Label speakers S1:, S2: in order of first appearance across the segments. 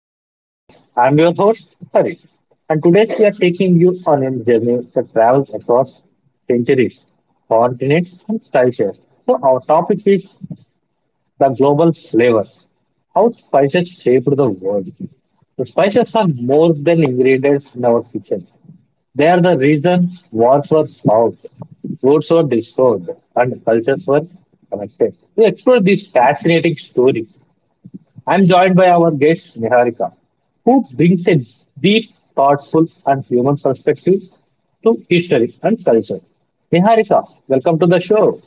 S1: to our podcast. I'm your host Hari, and today we are taking you on a journey that travels across centuries, continents and cultures. So our topic is the global flavors, how spices shaped the world. The spices are more than ingredients in our kitchen. They are the reason wars were fought, roads were destroyed, and cultures were connected. To explore this fascinating story, I'm joined by our guest, Niharika, who brings a deep, thoughtful, and human perspective to history and culture. Niharika, welcome to the show.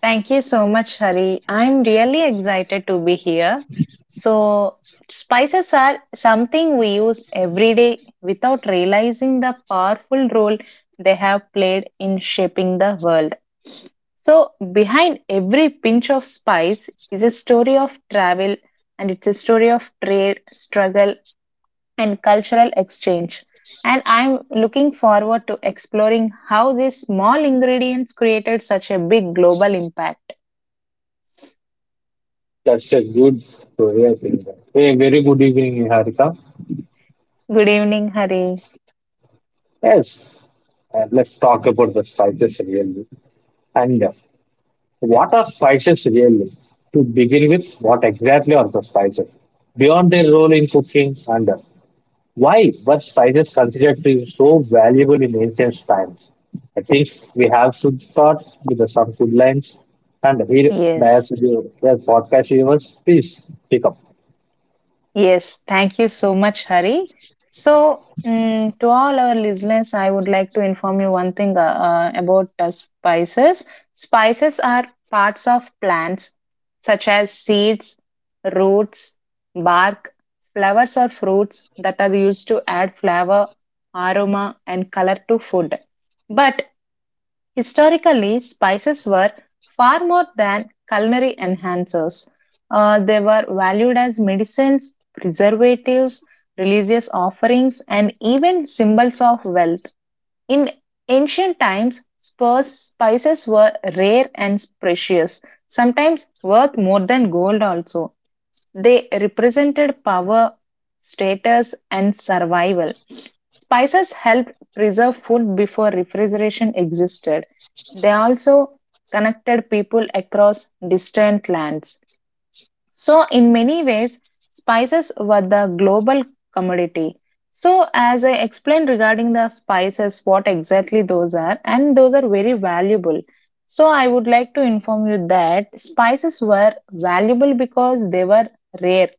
S2: Thank you so much, Hari. I'm really excited to be here. So, spices are something we use every day without realizing the powerful role they have played in shaping the world. So, behind every pinch of spice is a story of travel and it's a story of trade, struggle, and cultural exchange. And I'm looking forward to exploring how these small ingredients created such a big global impact.
S1: That's a good story, I think. Hey, very good evening, Niharika.
S2: Good evening, Hari.
S1: Yes, and let's talk about the spices really. And What are spices really? To begin with, what exactly are the spices? Beyond their role in cooking and why were spices considered to be so valuable in ancient times? I think we have to start with the some good lines. And here, that's
S2: Yes,
S1: your the podcast viewers, please pick up.
S2: yes. Thank you so much, Hari. So, to all our listeners, I would like to inform you one thing about spices. Spices are parts of plants, such as seeds, roots, bark, flowers, or fruits that are used to add flavor, aroma, and color to food. But historically, spices were far more than culinary enhancers. They were valued as medicines, preservatives, religious offerings, and even symbols of wealth. In ancient times, spices were rare and precious, sometimes worth more than gold also. They represented power, status, and survival. Spices helped preserve food before refrigeration existed. They also connected people across distant lands. So, in many ways, spices were the global commodity. So, as I explained regarding the spices, what exactly those are, and those are very valuable. So, I would like to inform you that spices were valuable because they were rare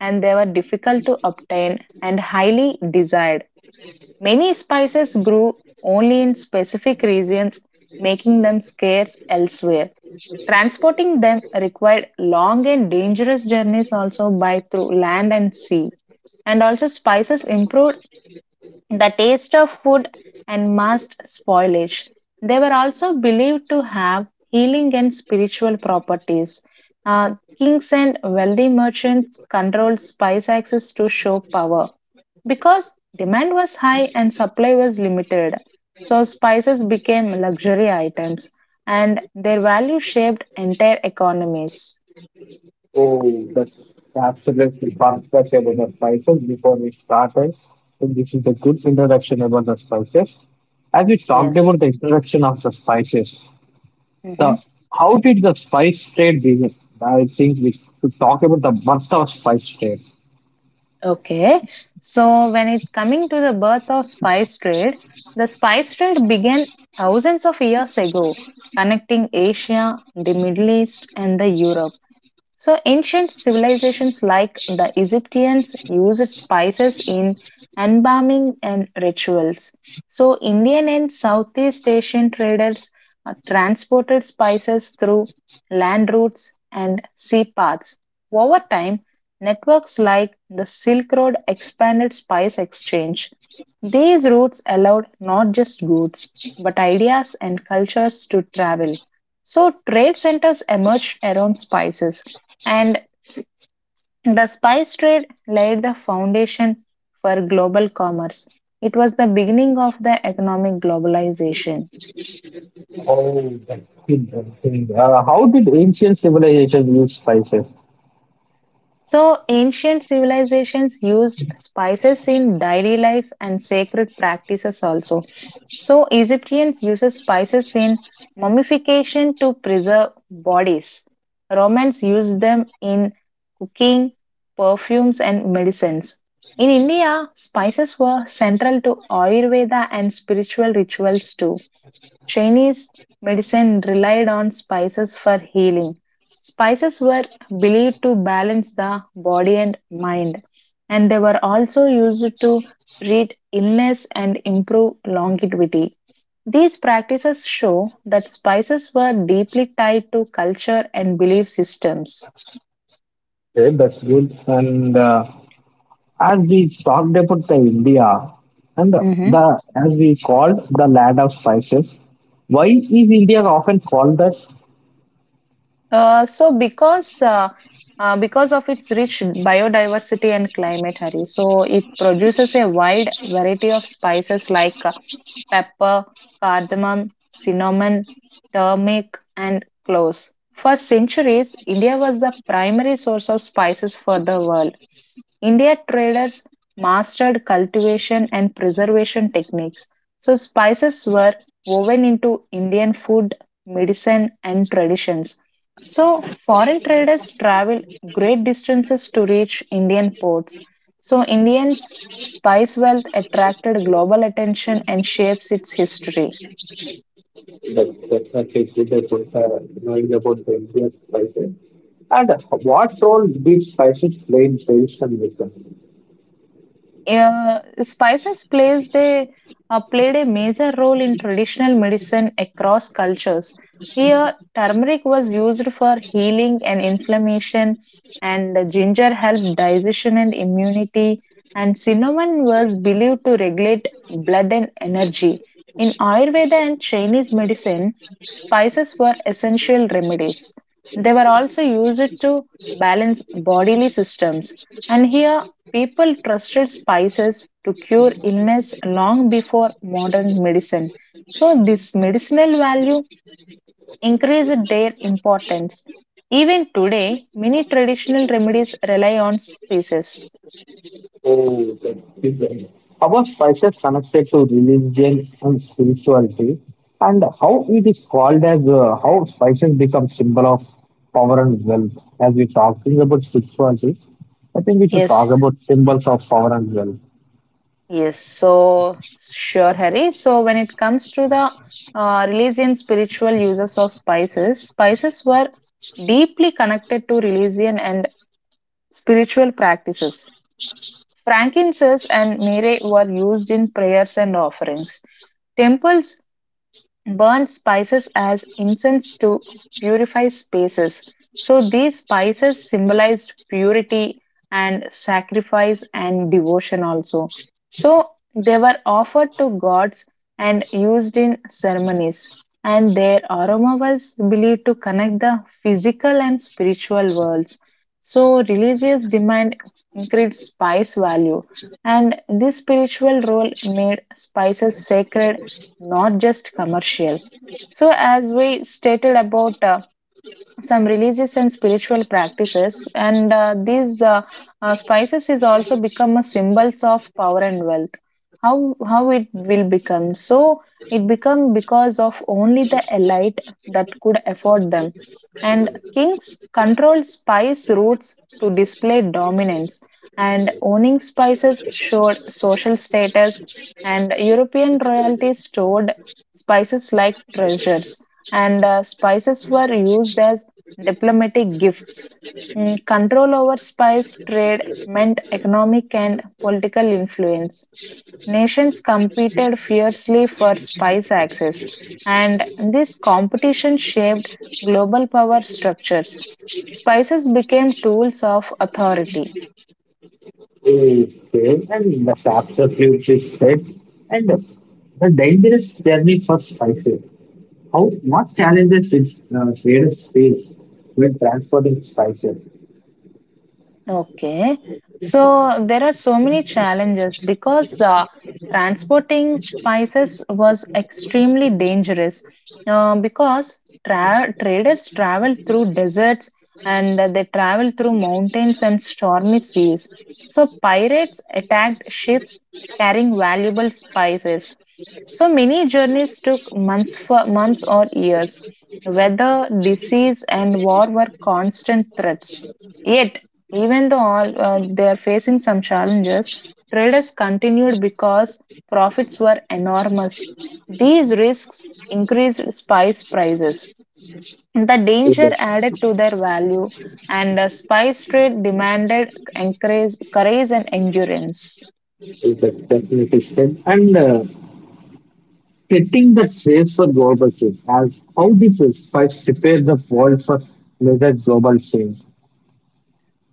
S2: and they were difficult to obtain and highly desired. Many spices grew only in specific regions, making them scarce elsewhere. Transporting them required long and dangerous journeys also by through land and sea. And also spices improved the taste of food and must spoilage. They were also believed to have healing and spiritual properties. Kings and wealthy merchants controlled spice access to show power because demand was high and supply was limited. So, spices became luxury items and their value shaped entire economies.
S1: Oh, that's absolutely perfect about the spices before we started. So this is a good introduction about the spices. As we talked
S2: Yes.
S1: about the introduction of the spices,
S2: Mm-hmm.
S1: the how did the spice trade begin? I think we should talk about the birth of spice trade.
S2: Okay, so when it coming to the birth of spice trade, the spice trade began thousands of years ago, connecting Asia, the Middle East, and the Europe. So, ancient civilizations like the Egyptians used spices in embalming and rituals. So, Indian and Southeast Asian traders transported spices through land routes and sea paths. Over time, networks like the Silk Road expanded spice exchange. These routes allowed not just goods, but ideas and cultures to travel. So, trade centers emerged around spices and the spice trade laid the foundation for global commerce. It was the beginning of the economic globalization.
S1: Oh, that's interesting. How did ancient civilizations use spices?
S2: So, ancient civilizations used spices in daily life and sacred practices also. So, Egyptians uses spices in mummification to preserve bodies. Romans used them in cooking, perfumes, and medicines. In India, spices were central to Ayurveda and spiritual rituals too. Chinese medicine relied on spices for healing. Spices were believed to balance the body and mind, and they were also used to treat illness and improve longevity. These practices show that spices were deeply tied to culture and belief systems.
S1: Okay, that's good. And As we talked about the India, and the
S2: Mhm.
S1: the as we called the land of spices, why is India often called that?
S2: Uh, so because uh, because of its rich biodiversity and climate, Hari, so it produces a wide variety of spices like pepper, cardamom, cinnamon, turmeric, and cloves. For centuries, India was the primary source of spices for the world. India traders mastered cultivation and preservation techniques. So, spices were woven into Indian food, medicine, and traditions. So, foreign traders travel great distances to reach Indian ports. So, Indian spice wealth attracted global attention and shapes its history.
S1: That's actually good. That's good, knowing about the Indian spices. And what role did spices play in traditional wisdom?
S2: Spices plays a played a major role in traditional medicine across cultures. Here, turmeric was used for healing and inflammation, and ginger helped digestion and immunity, and cinnamon was believed to regulate blood and energy. In Ayurveda and Chinese medicine, spices were essential remedies. They were also used to balance bodily systems. And here, people trusted spices to cure illness long before modern medicine. So, this medicinal value increased their importance. Even today, many traditional remedies rely on spices.
S1: Oh, that's different. How are spices connected to religion and spirituality, and how it is called as how spices become symbol of power and wealth. As we're talking about spirituality, I think we should talk
S2: Yes,
S1: about symbols of power and wealth.
S2: yes. So, sure, Harry. So, when it comes to the religion, spiritual uses of spices, spices were deeply connected to religion and spiritual practices. Frankincense and myrrh were used in prayers and offerings. Temples burned spices as incense to purify spaces. So these spices symbolized purity and sacrifice and devotion also. So they were offered to gods and used in ceremonies. And their aroma was believed to connect the physical and spiritual worlds. So religious demand increased spice value. And this spiritual role made spices sacred, not just commercial. So, as we stated about some religious and spiritual practices and these spices is also become a symbols of power and wealth. How it will become? So it become because of only the elite that could afford them, and kings control spice routes to display dominance, and owning spices showed social status, and European royalty stored spices like treasures, and spices were used as diplomatic gifts. Control over spice trade meant economic and political influence. Nations competed fiercely for spice access, and this competition shaped global power structures. Spices became tools of authority.
S1: Okay, and the chapter which is said, and the dangerous journey for spices. How what challenges did traders face when transporting spices?
S2: Okay. So there are so many challenges because transporting spices was extremely dangerous because traders travel through deserts and they travel through mountains and stormy seas. So pirates attacked ships carrying valuable spices. So many journeys took months for months or years. Weather, disease, and war were constant threats. Yet even though all, they are facing some challenges, traders continued because profits were enormous. These risks increased spice prices. The danger added to their value, and the spice trade demanded courage and endurance.
S1: That definitely said. And Setting the stage for global change, as how did the spice prepare the world for major global change?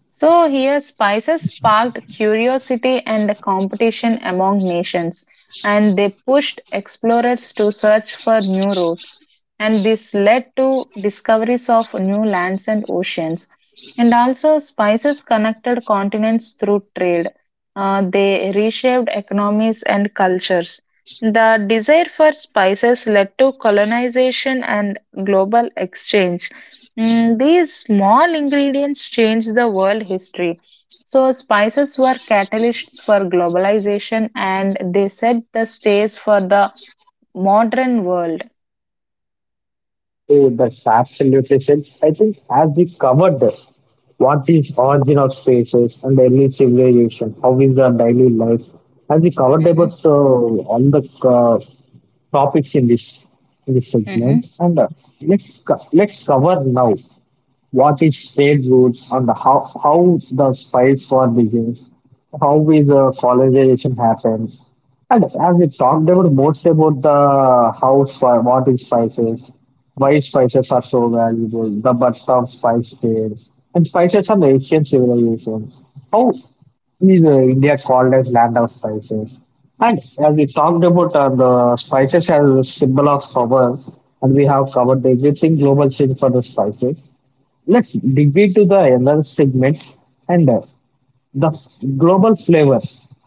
S2: So here, spices sparked curiosity and competition among nations, and they pushed explorers to search for new routes. And this led to discoveries of new lands and oceans. And also, spices connected continents through trade. They reshaped economies and cultures. The desire for spices led to colonization and global exchange. These small ingredients changed the world history. So, spices were catalysts for globalization and they set the stage for the modern world.
S1: So that's absolutely said. I think as we covered this, what is origin of spaces and early civilization, how is our daily life, as we covered
S2: Mm-hmm.
S1: about all the topics in this
S2: Mm-hmm.
S1: segment, and let's cover now. What is state roots and how the spice war begins, how is the colonization happens. And as we talked about most about the how what is spices, why spices are so valuable, the birth of spice trade, and spices are ancient civilizations. How is India called as land of spices? And as we talked about the spices as a symbol of power, and we have covered the existing global scene for the spices. Let's dig into the another segment and the global flavor,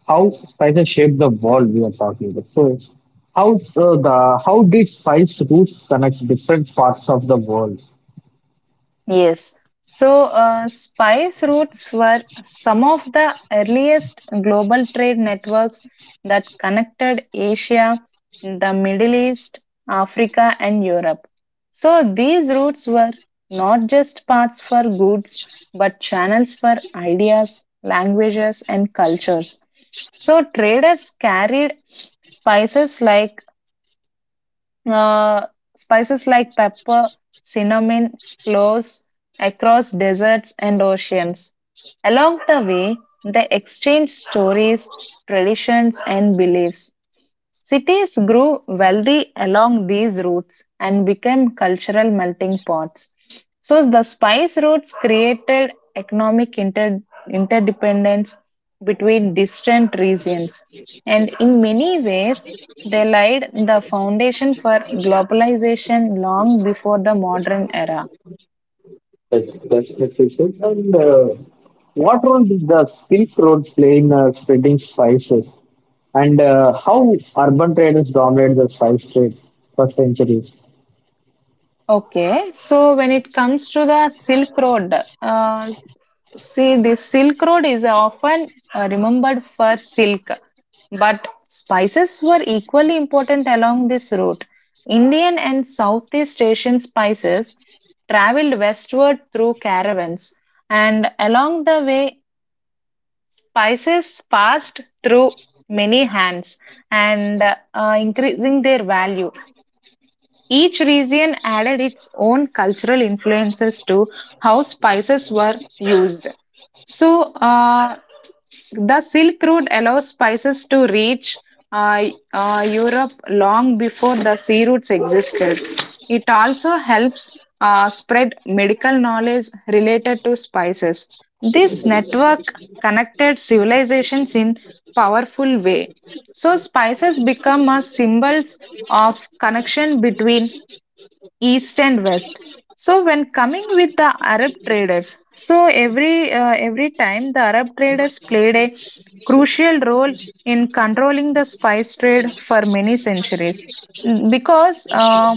S1: how spices shape the world we are talking about. So, how the how did spice roots connect different parts of the world?
S2: Yes. So, spice routes were some of the earliest global trade networks that connected Asia, the Middle East, Africa, and Europe. So, these routes were not just paths for goods, but channels for ideas, languages, and cultures. So, traders carried uh, spices like pepper, cinnamon, cloves across deserts and oceans. Along the way, they exchange stories, traditions, and beliefs. Cities grew wealthy along these routes and became cultural melting pots. So the spice routes created economic interdependence between distant regions. And in many ways, they laid the foundation for globalization long before the modern era.
S1: That's the question. And What role did the Silk Road play in spreading spices? And How urban traders dominated the spice trade for centuries?
S2: Okay, so when it comes to the Silk Road, uh, see, the Silk Road is often remembered for silk, but spices were equally important along this route. Indian and Southeast Asian spices traveled westward through caravans, and along the way, spices passed through many hands and increasing their value. Each region added its own cultural influences to how spices were used. So, the Silk Route allows spices to reach uh, Europe long before the sea routes existed. It also helps spread medical knowledge related to spices. This network connected civilizations in powerful way. So spices become as symbols of connection between east and west. So when coming with the Arab traders, every time the Arab traders played a crucial role in controlling the spice trade for many centuries. Because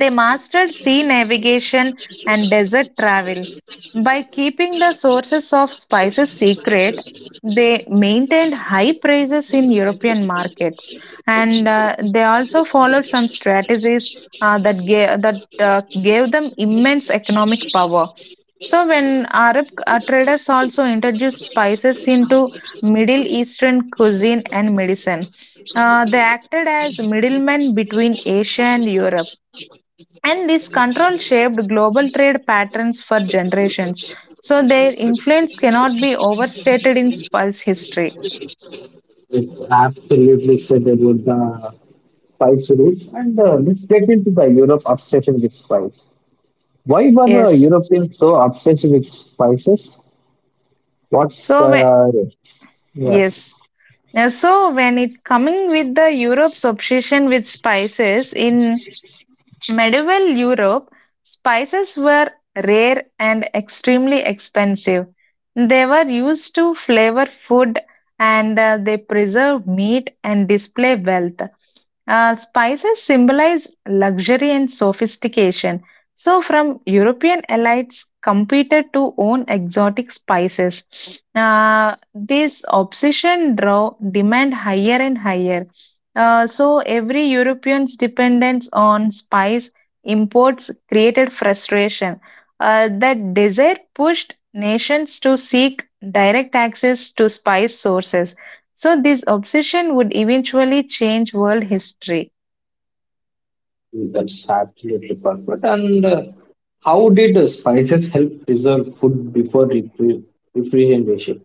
S2: they mastered sea navigation and desert travel. By keeping the sources of spices secret, they maintained high prices in European markets. And they also followed some strategies that gave them immense economic power. So, when Arab traders also introduced spices into Middle Eastern cuisine and medicine, they acted as middlemen between Asia and Europe, and this control shaped global trade patterns for generations, so their influence cannot be overstated in spice history.
S1: It's absolutely said about the spice route, and let's get into the Europe obsession with spice. Why were
S2: Yes.
S1: Europeans so obsessed with spices? What?
S2: So when,
S1: Uh, yeah,
S2: yes. So when it coming with the Europe's obsession with spices in medieval Europe, spices were rare and extremely expensive. They were used to flavor food and they preserve meat and display wealth. Spices symbolize luxury and sophistication. So, from European elites competed to own exotic spices. This obsession drove demand higher and higher. So every European's dependence on spice imports created frustration. That desire pushed nations to seek direct access to spice sources. So this obsession would eventually change world history.
S1: that's absolutely perfect. And How did spices help preserve food before refrigeration?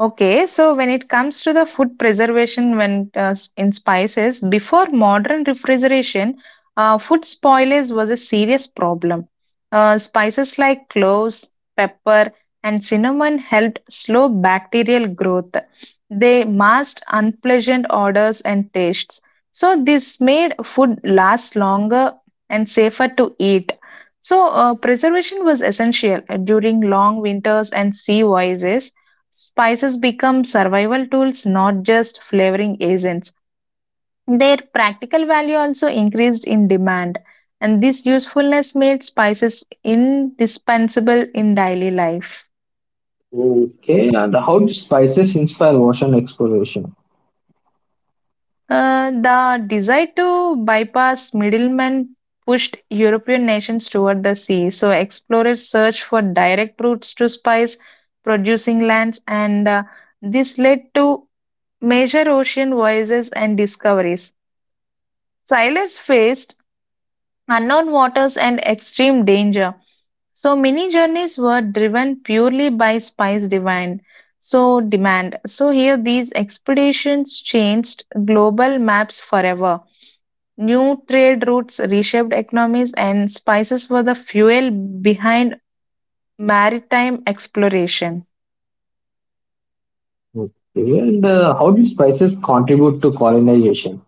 S2: Okay, so when it comes to the food preservation when in spices, before modern refrigeration, food spoilage was a serious problem. Spices like cloves, pepper, and cinnamon helped slow bacterial growth. They masked unpleasant odors and tastes. So this made food last longer and safer to eat. So preservation was essential during long winters and sea voyages. Spices become survival tools, not just flavoring agents. Their practical value also increased in demand, and this usefulness made spices indispensable in daily life.
S1: Okay, and how did spices inspire ocean exploration?
S2: The desire to bypass middlemen pushed European nations toward the sea, so explorers searched for direct routes to spice producing lands, and this led to major ocean voyages and discoveries. Sailors faced unknown waters and extreme danger. So many journeys were driven purely by spice demand. So here these expeditions changed global maps forever. New trade routes reshaped economies and spices were the fuel behind maritime exploration.
S1: Okay, and how did spices contribute to colonization?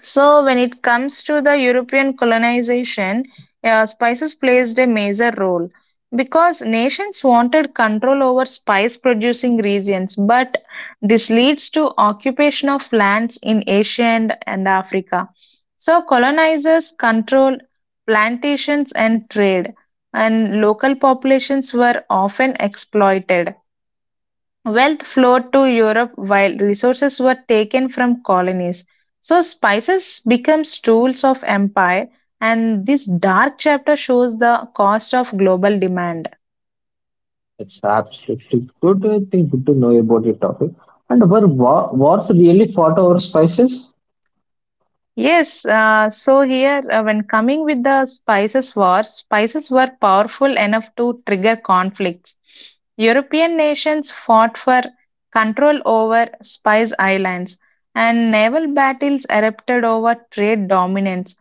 S2: So when it comes to the European colonization, spices played a major role because nations wanted control over spice producing regions, but this leads to occupation of lands in Asia and Africa. So colonizers controlled plantations and trade, and local populations were often exploited. Wealth flowed to Europe while resources were taken from colonies. So spices become tools of empire and this dark chapter shows the cost of global demand.
S1: It's absolutely good. I think good to know about your topic. And were wars really fought over spices?
S2: Yes, so here when coming with the spices war, spices were powerful enough to trigger conflicts. European nations fought for control over spice islands and naval battles erupted over trade dominance.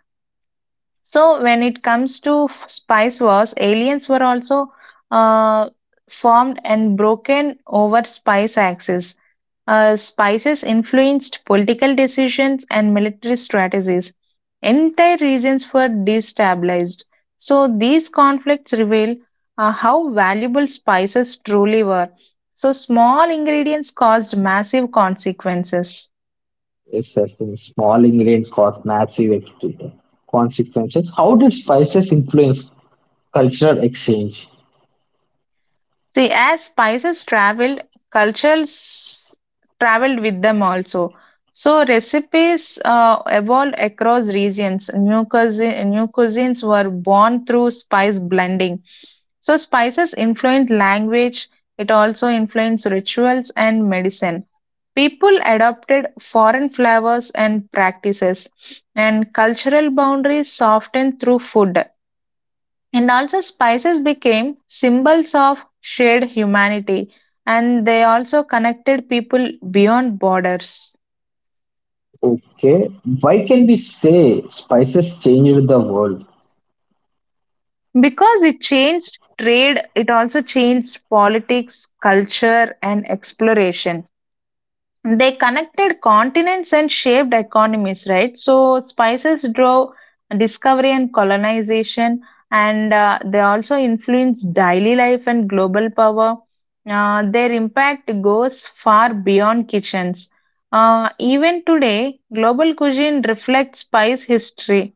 S2: So when it comes to spice wars, aliens were also uh, formed and broken over spice axis. Spices influenced political decisions and military strategies. Entire regions were destabilized. So these conflicts reveal how valuable spices truly were. So small ingredients caused massive consequences.
S1: Yes, I think small ingredients caused massive consequences. How did spices influence cultural exchange?
S2: See, as spices traveled, cultures traveled with them also. So recipes evolved across regions. New cuisines were born through spice blending. So spices influenced language. It also influenced rituals and medicine. People adopted foreign flavors and practices, and cultural boundaries softened through food. And also, spices became symbols of shared humanity, and they also connected people beyond borders.
S1: Okay, why can we say spices changed the world?
S2: Because it changed trade, it also changed politics, culture, and exploration. They connected continents and shaped economies, right? So spices drove discovery and colonization, and they also influenced daily life and global power. Their impact goes far beyond kitchens. Even today, global cuisine reflects spice history.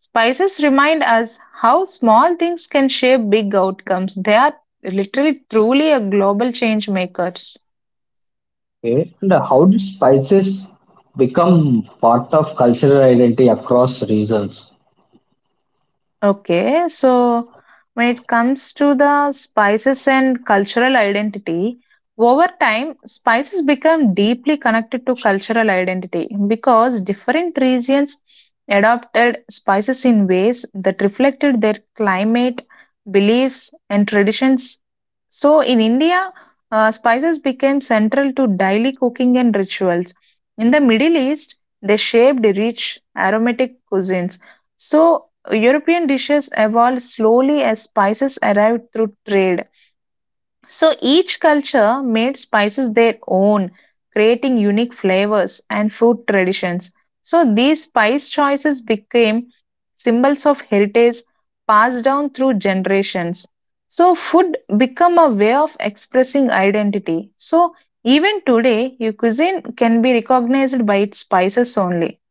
S2: Spices remind us how small things can shape big outcomes. They are literally truly a global change makers.
S1: Okay, and how did spices become part of cultural identity across regions?
S2: Okay, so when it comes to the spices and cultural identity, over time, spices become deeply connected to cultural identity because different regions adopted spices in ways that reflected their climate, beliefs, and traditions. So in India, spices became central to daily cooking and rituals. In the Middle East, they shaped rich aromatic cuisines. So European dishes evolved slowly as spices arrived through trade. So each culture made spices their own, creating unique flavors and food traditions. So these spice choices became symbols of heritage passed down through generations. So food become a way of expressing identity. So even today, your cuisine can be recognized by its spices only.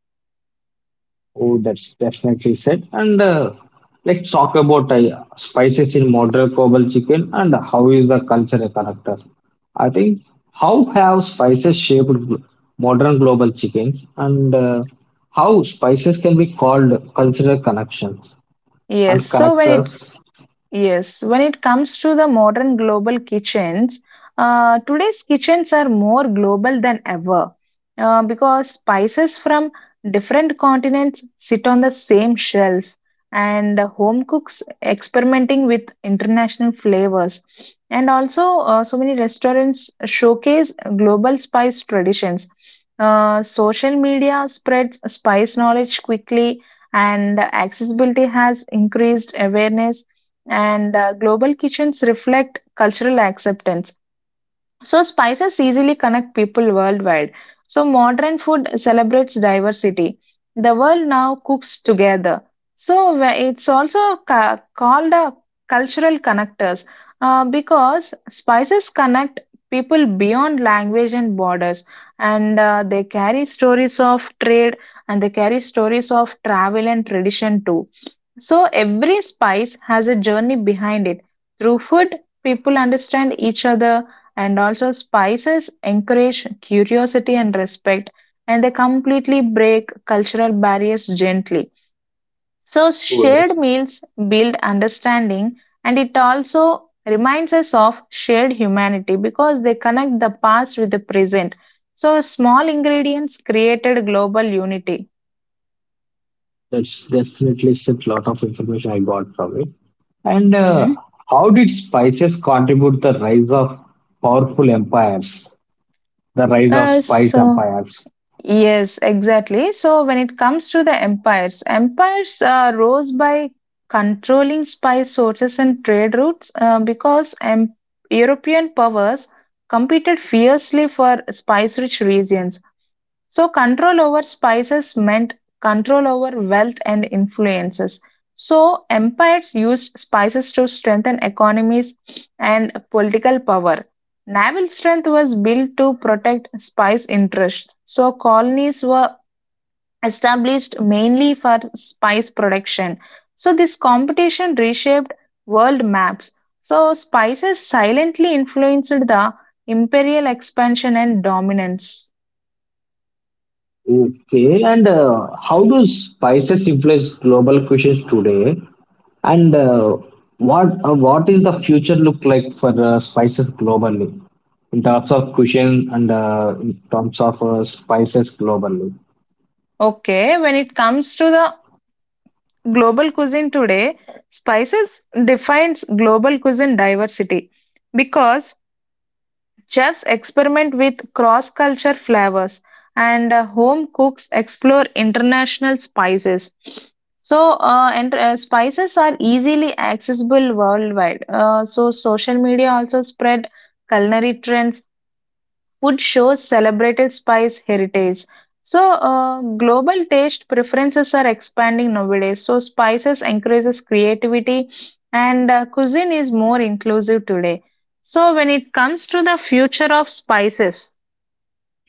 S1: Oh, that's definitely said. And Let's talk about spices in modern global chicken and how is the cultural character. I think how have spices shaped modern global chickens and how spices can be called cultural connections
S2: Yes,
S1: and
S2: so when it
S1: connectors.
S2: Yes, when it comes to the modern global kitchens, today's kitchens are more global than ever because spices from different continents sit on the same shelf, and home cooks experimenting with international flavors. And also, so many restaurants showcase global spice traditions. Social media spreads spice knowledge quickly, and accessibility has increased awareness and global kitchens reflect cultural acceptance so, spices easily connect people worldwide. So, modern food celebrates diversity. The world now cooks together. So, it's also called a cultural connectors because spices connect people beyond language and borders and they carry stories of trade and they carry stories of travel and tradition too. So every spice has a journey behind it. Through food, people understand each other and also, spices encourage curiosity and respect, and they completely break cultural barriers gently. So,
S1: Oh, that's,
S2: shared meals build understanding, and it also reminds us of shared humanity because they connect the past with the present. So, small ingredients created global unity.
S1: that's definitely said. Lot of information I got from it. And
S2: hmm
S1: How did spices contribute the rise of powerful empires? The rise of
S2: Uh,
S1: spice
S2: so,
S1: empires.
S2: Yes, exactly. So when it comes to the empires rose by controlling spy sources and trade routes because European powers competed fiercely for spice-rich regions. So, control over spices meant control over wealth and influences. So, empires used spices to strengthen economies and political power. Naval strength was built to protect spice interests. So, colonies were established mainly for spice production. So, this competition reshaped world maps. So, spices silently influenced the imperial expansion and dominance.
S1: Okay, and how do spices influence global cuisines today? And what is the future look like for spices globally in terms of cuisine and in terms of spices globally?
S2: Okay, when it comes to the global cuisine today, spices defines global cuisine diversity because chefs experiment with cross-culture flavors and home cooks explore international spices. So, and spices are easily accessible worldwide. Social media also spread culinary trends food shows celebrated spice heritage. So, global taste preferences are expanding nowadays. So, spices encourages creativity, and cuisine is more inclusive today. So, when it comes to the future of spices,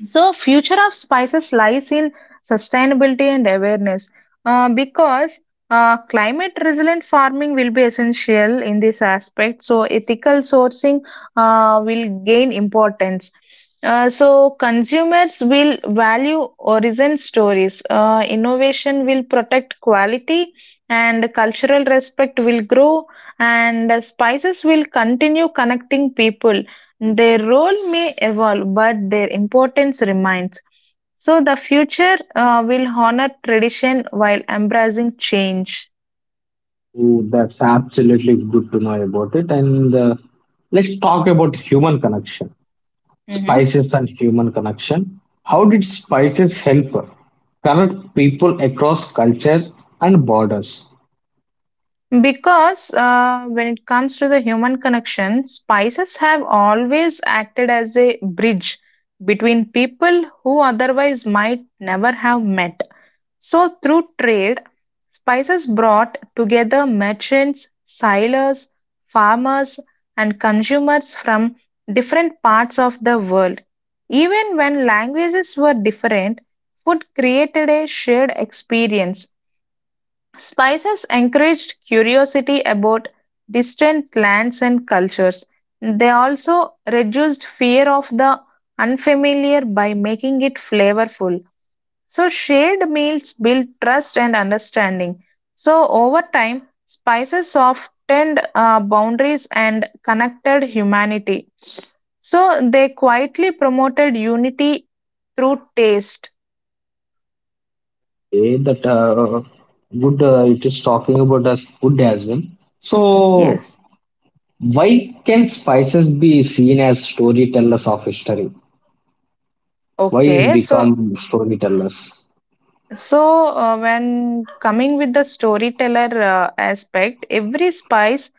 S2: so, future of spices lies in sustainability and awareness because climate resilient farming will be essential in this aspect. So, ethical sourcing will gain importance. Consumers will value origin stories. Innovation will protect quality, and cultural respect will grow. And spices will continue connecting people. Their role may evolve, but their importance remains. So the future will honor tradition while embracing change.
S1: Ooh, that's absolutely good to know about it. And Let's talk about human connection.
S2: hmm
S1: Spices and human connection. How did spices help connect people across culture and borders?
S2: Because when it comes to the human connection, spices have always acted as a bridge between people who otherwise might never have met. So, through trade, spices brought together merchants, sailors, farmers, and consumers from different parts of the world. Even when languages were different, food created a shared experience. Spices encouraged curiosity about distant lands and cultures. They also reduced fear of the unfamiliar by making it flavorful. So, shared meals build trust and understanding. So, over time, spices softened boundaries and connected humanity. So, they quietly promoted unity through taste.
S1: Okay, that good. It is talking about as food as well. So,
S2: Yes.
S1: why can spices be seen as storytellers of history? Why is
S2: Okay, so
S1: become storytellers?
S2: so uh, when coming with the storyteller aspect, every spice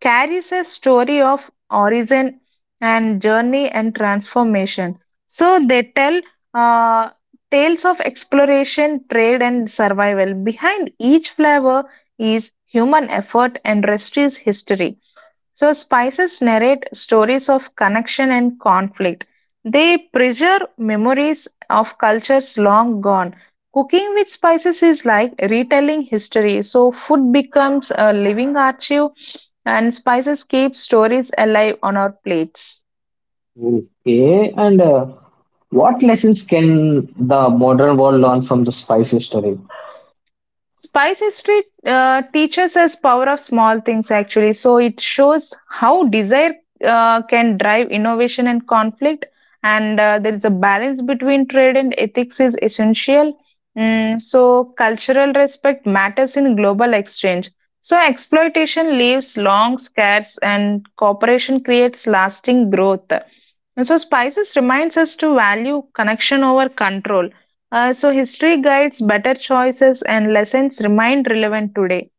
S2: carries a story of origin and journey and transformation. So they tell uh, tales of exploration, trade, and survival. Behind each flavor is human effort and restless history. So, spices narrate stories of connection and conflict. They preserve memories of cultures long gone. Cooking with spices is like retelling history. So, food becomes a living archive, and spices keep stories alive on our plates.
S1: Okay, and what lessons can the modern world learn from the spice history?
S2: Spice history teaches us power of small things actually. So it shows how desire can drive innovation and conflict, and there is a balance between trade and ethics is essential. So cultural respect matters in global exchange. So exploitation leaves long scars, and cooperation creates lasting growth. And so spices reminds us to value connection over control so, history guides better choices and lessons remain relevant today.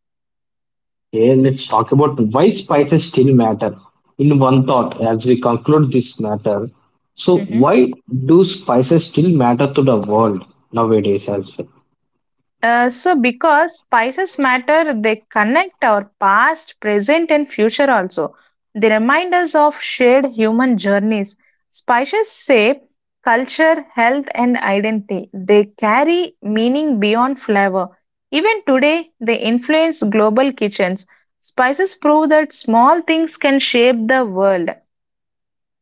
S1: Okay, let's talk about why spices still matter in one thought as we conclude this matter. So,
S2: hmm
S1: why do spices still matter to the world nowadays? As well?
S2: Because spices matter, they connect our past, present, and future also. They remind us of shared human journeys. Spices shape culture, health, and identity. They carry meaning beyond flavor. Even today, they influence global kitchens. Spices prove that small things can shape the world.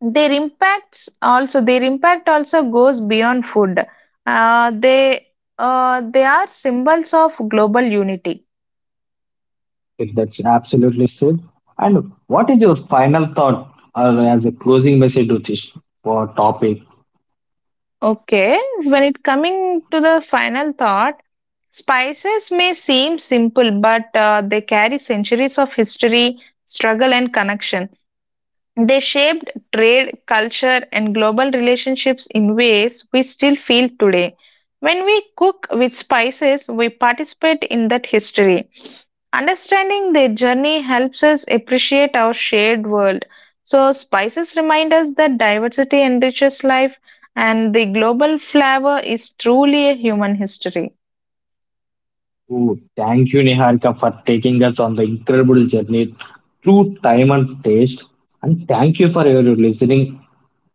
S2: Their impact also goes beyond food. Uh, they they are symbols of global unity.
S1: If that's absolutely said. And what is your final thought or as a closing message to this topic?
S2: Okay, when it coming to the final thought, spices may seem simple, but they carry centuries of history, struggle, and connection. They shaped trade, culture, and global relationships in ways we still feel today. When we cook with spices, we participate in that history. Understanding their journey helps us appreciate our shared world. So, spices remind us that diversity enriches life, and the global flavor is truly a human history.
S1: Ooh, thank you, Niharika, for taking us on the incredible journey through time and taste. And thank you for your listening,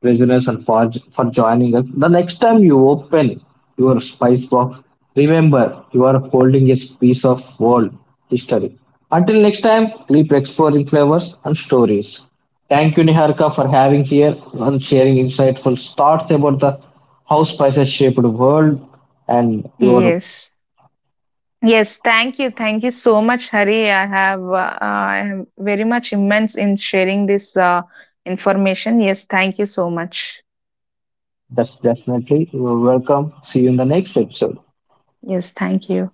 S1: listeners, and for joining us. The next time you open your spice box, remember you are holding a piece of world history. Until next time, keep exploring flavors and stories. Thank you, Niharika, for having here and sharing insightful thoughts about the how spices shaped the world and your...
S2: Yes. Yes, thank you. Thank you so much, Hari. I am very much immense in sharing this information. Yes, thank you so much.
S1: That's definitely welcome. See you in the next episode.
S2: Yes, thank you.